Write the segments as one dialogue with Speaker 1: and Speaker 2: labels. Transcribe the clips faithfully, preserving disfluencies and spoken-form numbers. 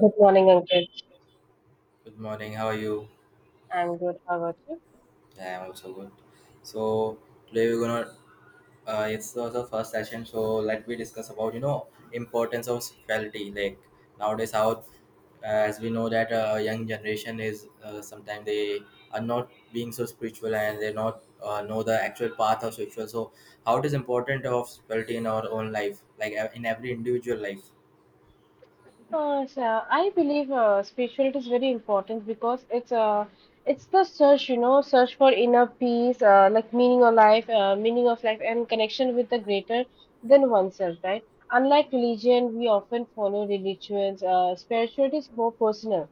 Speaker 1: Good morning, Ankit.
Speaker 2: Good morning. How are you?
Speaker 1: I'm good. How about you?
Speaker 2: Yeah, I'm also good. So Today we're gonna. Uh, It's also first session. So let me discuss about you know importance of sexuality. Like nowadays, how as we know that uh, young generation is uh, sometimes they are not being so spiritual and they not uh, know the actual path of spiritual. So how it is important of spirituality in our own life, like uh, in every individual life.
Speaker 1: Uh, so I believe uh, spirituality is very important because it's uh, it's the search, you know, search for inner peace, uh, like meaning of life, uh, meaning of life, and connection with the greater than oneself, right? Unlike religion, we often follow religions. Uh, spirituality is more personal.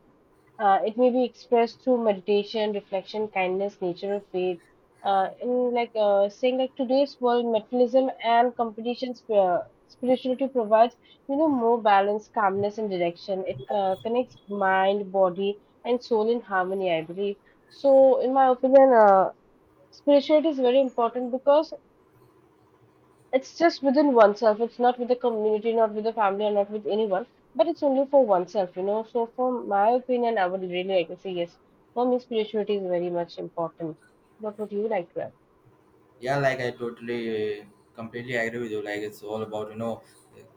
Speaker 1: Uh, it may be expressed through meditation, reflection, kindness, nature of faith. Uh, in like uh, saying like today's world, materialism and competition, sp- uh, spirituality provides you know more balance, calmness, and direction. It uh, connects mind, body, and soul in harmony, I believe. So, in my opinion, uh, spirituality is very important because it's just within oneself. It's not with the community, not with the family, or not with anyone, but it's only for oneself, you know. So, for my opinion, I would really like to say yes. For me, spirituality is very much important. What would you like to add?
Speaker 2: Yeah, like I totally completely agree with you. Like it's all about you know,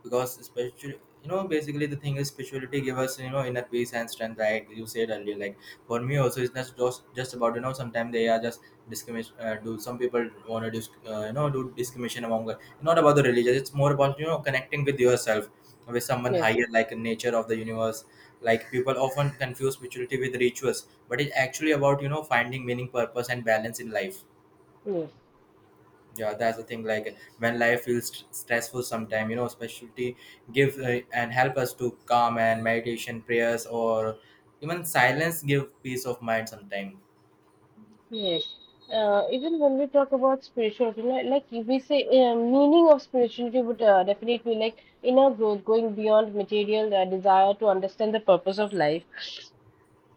Speaker 2: because especially you know, basically the thing is spirituality give us you know inner peace and strength like you said earlier. Like for me also it's not just just about you know, sometimes they are just discrimination, uh, do some people want to disc, uh, you know do discrimination among, not about the religion, it's more about you know connecting with yourself, with someone
Speaker 1: Yes,
Speaker 2: higher like nature of the universe. Like people often confuse spirituality with rituals, but it's actually about you know finding meaning, purpose and balance in life.
Speaker 1: yes,
Speaker 2: Yeah, that's the thing. Like when life feels st- stressful sometime, you know, specialty give uh, and help us to calm, and meditation, prayers or even silence give peace of mind sometime.
Speaker 1: yes. Uh, even when we talk about spirituality, li- like if we say uh, meaning of spirituality would uh, definitely like inner growth, going beyond material uh, desire to understand the purpose of life.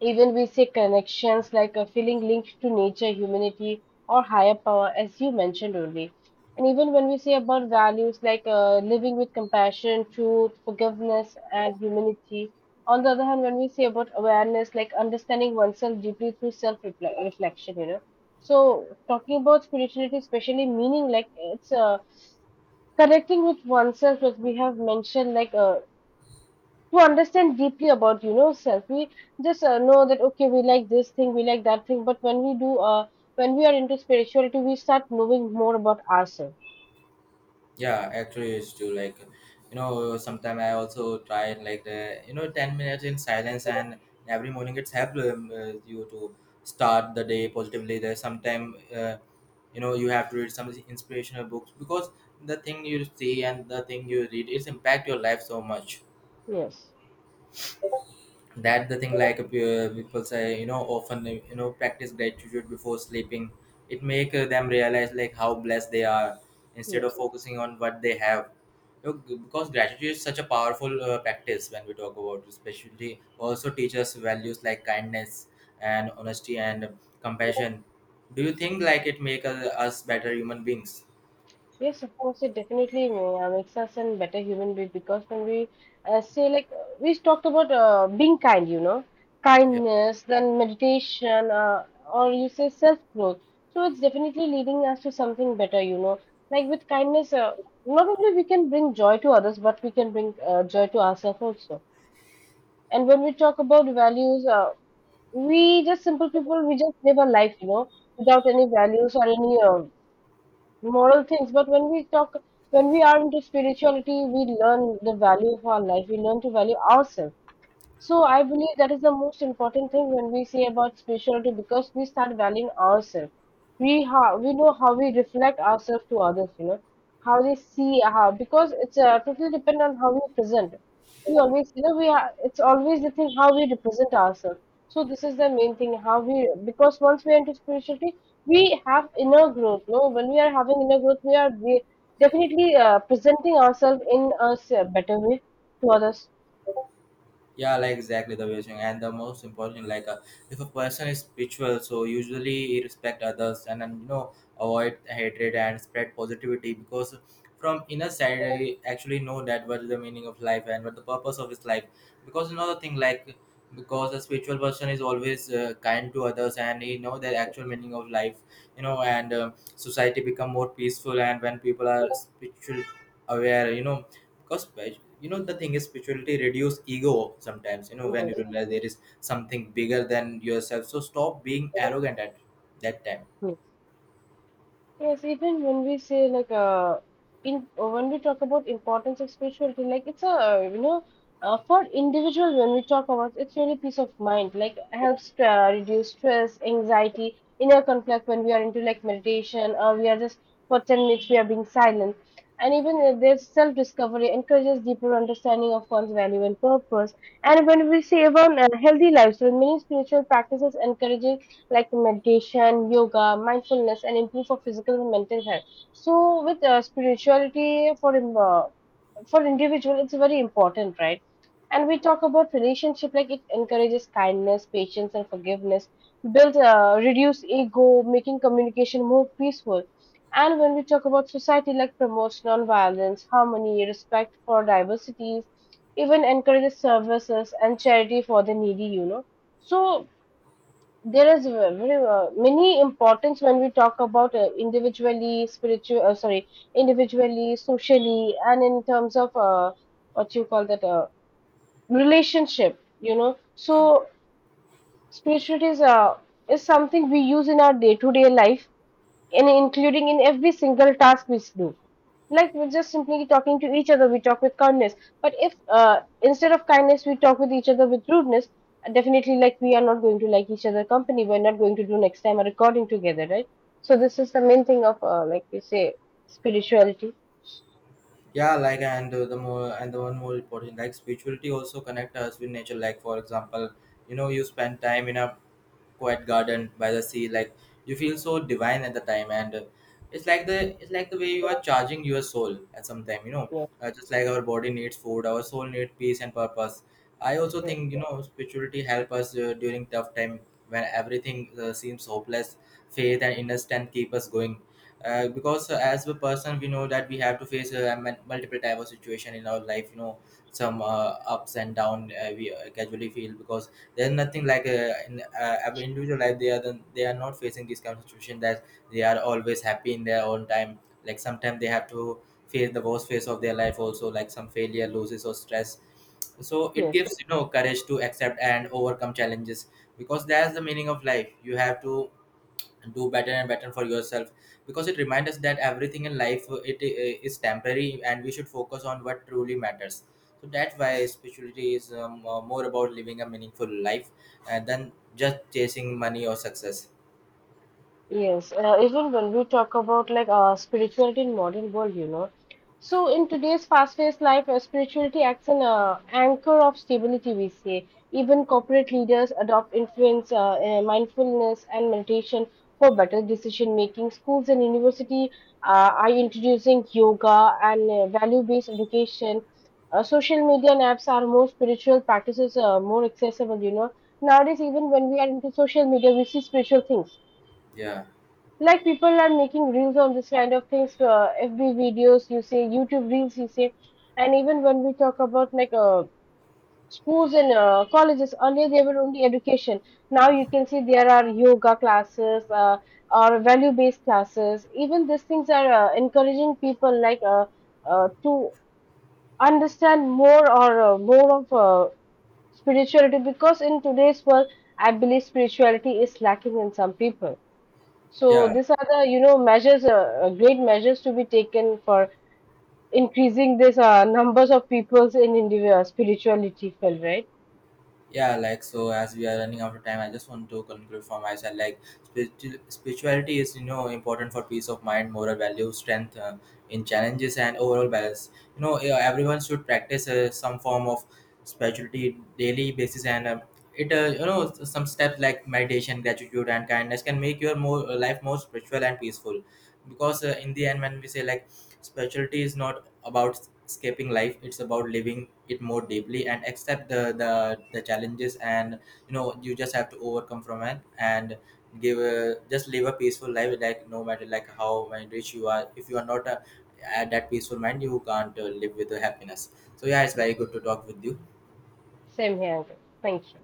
Speaker 1: Even we say connections like a feeling linked to nature, humanity, or higher power, as you mentioned only. And even when we say about values like uh, living with compassion, truth, forgiveness, and humanity, on the other hand, when we say about awareness, like understanding oneself deeply through self reflection, you know. So, talking about spirituality, especially meaning like it's uh, connecting with oneself, as we have mentioned, like uh, to understand deeply about you know self, we just uh, know that okay, we like this thing, we like that thing, but when we do uh, when we are into spirituality, we start knowing more about ourselves.
Speaker 2: Yeah, actually it's true. Like you know sometime I also try, like the you know ten minutes in silence and every morning, it's helped um, uh, you to start the day positively. There's sometime uh, you know you have to read some inspirational books, because the thing you see and the thing you read, it's impact your life so much.
Speaker 1: Yes,
Speaker 2: That the thing, like uh, people say you know often, uh, you know, practice gratitude before sleeping. It make uh, them realize like how blessed they are, instead of
Speaker 1: yes.
Speaker 2: focusing on what they have. You know, g- because gratitude is such a powerful uh, practice when we talk about, especially also teaches values like kindness and honesty and compassion. Do you think like it make uh, us better human beings?
Speaker 1: Yes, of course, it definitely uh, makes us a better human being, because when we uh, say, like, uh, we talked about uh, being kind, you know,
Speaker 2: Yeah.
Speaker 1: kindness, then meditation, uh, or you say self growth. So it's definitely leading us to something better, you know. Like with kindness, uh, not only we can bring joy to others, but we can bring uh, joy to ourselves also. And when we talk about values, uh, we just simple people, we just live a life, you know, without any values or any uh, moral things. But when we talk, when we are into spirituality, we learn the value of our life. We learn to value ourselves. So I believe that is the most important thing when we say about spirituality, because we start valuing ourselves. We ha- we know how we reflect ourselves to others, you know, how they see how, because it's uh, totally depend on how we present. We always, you know, we are, it's always the thing how we represent ourselves. So this is the main thing how we, because once we enter spirituality we have inner growth. No, when we are having inner growth, we are we definitely uh, presenting ourselves in a s- better way to others.
Speaker 2: Yeah, like exactly the way you're saying. And the most important, like uh, if a person is spiritual, so usually he respect others and, and you know avoid hatred and spread positivity, because from inner side I actually know that what is the meaning of life and what the purpose of his life. Because another thing, like because a spiritual person is always uh, kind to others and he know the actual meaning of life, you know, and uh, society become more peaceful. And when people are spiritual aware, you know, because spir- you know the thing is spirituality reduce ego. Sometimes, you know, when you
Speaker 1: Yes.
Speaker 2: realize there is something bigger than yourself, so stop being arrogant at that time.
Speaker 1: Yes. Yes, even when we say like uh, in when we talk about importance of spirituality, like it's a, you know, uh, for individual when we talk about, it's really peace of mind, like helps uh, reduce stress, anxiety, inner conflict, when we are into like meditation, or we are just for ten minutes we are being silent, and even uh, there's self-discovery, encourages deeper understanding of one's value and purpose, and when we say about uh, healthy lifestyle, many spiritual practices encouraging like meditation, yoga, mindfulness, and improve for physical and mental health. So with uh, spirituality for in- uh, for individual, it's very important, right? And we talk about relationship, like it encourages kindness, patience, and forgiveness, builds uh, reduce ego, making communication more peaceful. And when we talk about society, like promotes non-violence, harmony, respect for diversities, even encourages services and charity for the needy, you know. So there is a very uh, many importance when we talk about uh, individually spiritual uh, sorry, individually, socially, and in terms of uh, what you call that, uh, relationship, you know.
Speaker 2: Yeah,
Speaker 1: So spirituality is uh, is something we use in our day to day life, and including in every single task we do. Like we're just simply talking to each other, we talk with kindness. But if uh, instead of kindness, we talk with each other with rudeness, uh, definitely, like we are not going to like each other company. We're not going to do next time a recording together, right? So this is the main thing of uh, like we say spirituality.
Speaker 2: yeah, like and uh, the more and the one more important, like spirituality also connect us with nature. Like for example, you know, you spend time in a quiet garden by the sea. Like you feel so divine at the time. And uh, it's like the it's like the way you are charging your soul at some time, you know.
Speaker 1: Yes,
Speaker 2: Uh, just like our body needs food, our soul needs peace and purpose. I also
Speaker 1: yes,
Speaker 2: think you know spirituality help us uh, during tough time. When everything uh, seems hopeless, faith and inner strength keep us going. Uh, because uh, as a person we know that we have to face uh, mul- multiple type of situation in our life, you know. Some uh, ups and down uh, we uh, casually feel, because there's nothing like uh, in uh, every individual life. They are the, they are not facing this kind of situation, that they are always happy in their own time. Like sometimes they have to face the worst phase of their life also, like some failure, losses or stress. So it
Speaker 1: yes.
Speaker 2: gives you know courage to accept and overcome challenges. Because that's the meaning of life, you have to do better and better for yourself. Because it reminds us that everything in life, uh, it uh, is temporary and we should focus on what truly matters. So that's why spirituality is um, uh, more about living a meaningful life, uh, than just chasing money or success.
Speaker 1: Yes, uh, even when we talk about like uh, spirituality in modern world, you know, so in today's fast-paced life, uh, spirituality acts as an uh, anchor of stability. We say even corporate leaders adopt influence, uh, uh, mindfulness, and meditation for better decision making. Schools and university uh, are introducing yoga and uh, value-based education. Uh, social media and apps are more spiritual practices, uh, more accessible. You know, nowadays, even when we are into social media, we see spiritual things,
Speaker 2: Yeah.
Speaker 1: like people are making reels on this kind of things, uh, fb videos, you say, youtube reels, you say. And even when we talk about like uh, schools and uh, colleges, earlier they were only education, now you can see there are yoga classes, uh, or value based classes. Even these things are uh, encouraging people like uh, uh, to understand more, or uh, more of uh, spirituality, because in today's world I believe spirituality is lacking in some people. So
Speaker 2: Yeah.
Speaker 1: these are the, you know, measures, uh, uh, great measures to be taken for increasing this uh, numbers of peoples in India spirituality field, right?
Speaker 2: Yeah, like so as we are running out of time, I just want to conclude for myself. Like spiritu- spirituality is you know important for peace of mind, moral value, strength uh, in challenges and overall balance, you know. Yeah, everyone should practice uh, some form of spirituality daily basis. And uh, it uh, you know s- some steps like meditation, gratitude and kindness can make your more life more spiritual and peaceful. Because uh, in the end, when we say like spirituality is not about escaping life; it's about living it more deeply and accept the the, the challenges. And you know you just have to overcome from it and give a, just live a peaceful life. Like no matter like how mind rich you are, if you are not a, at that peaceful mind, you can't uh, live with the happiness. So yeah, it's very good to talk with you.
Speaker 1: Same here, Uncle. Thank you.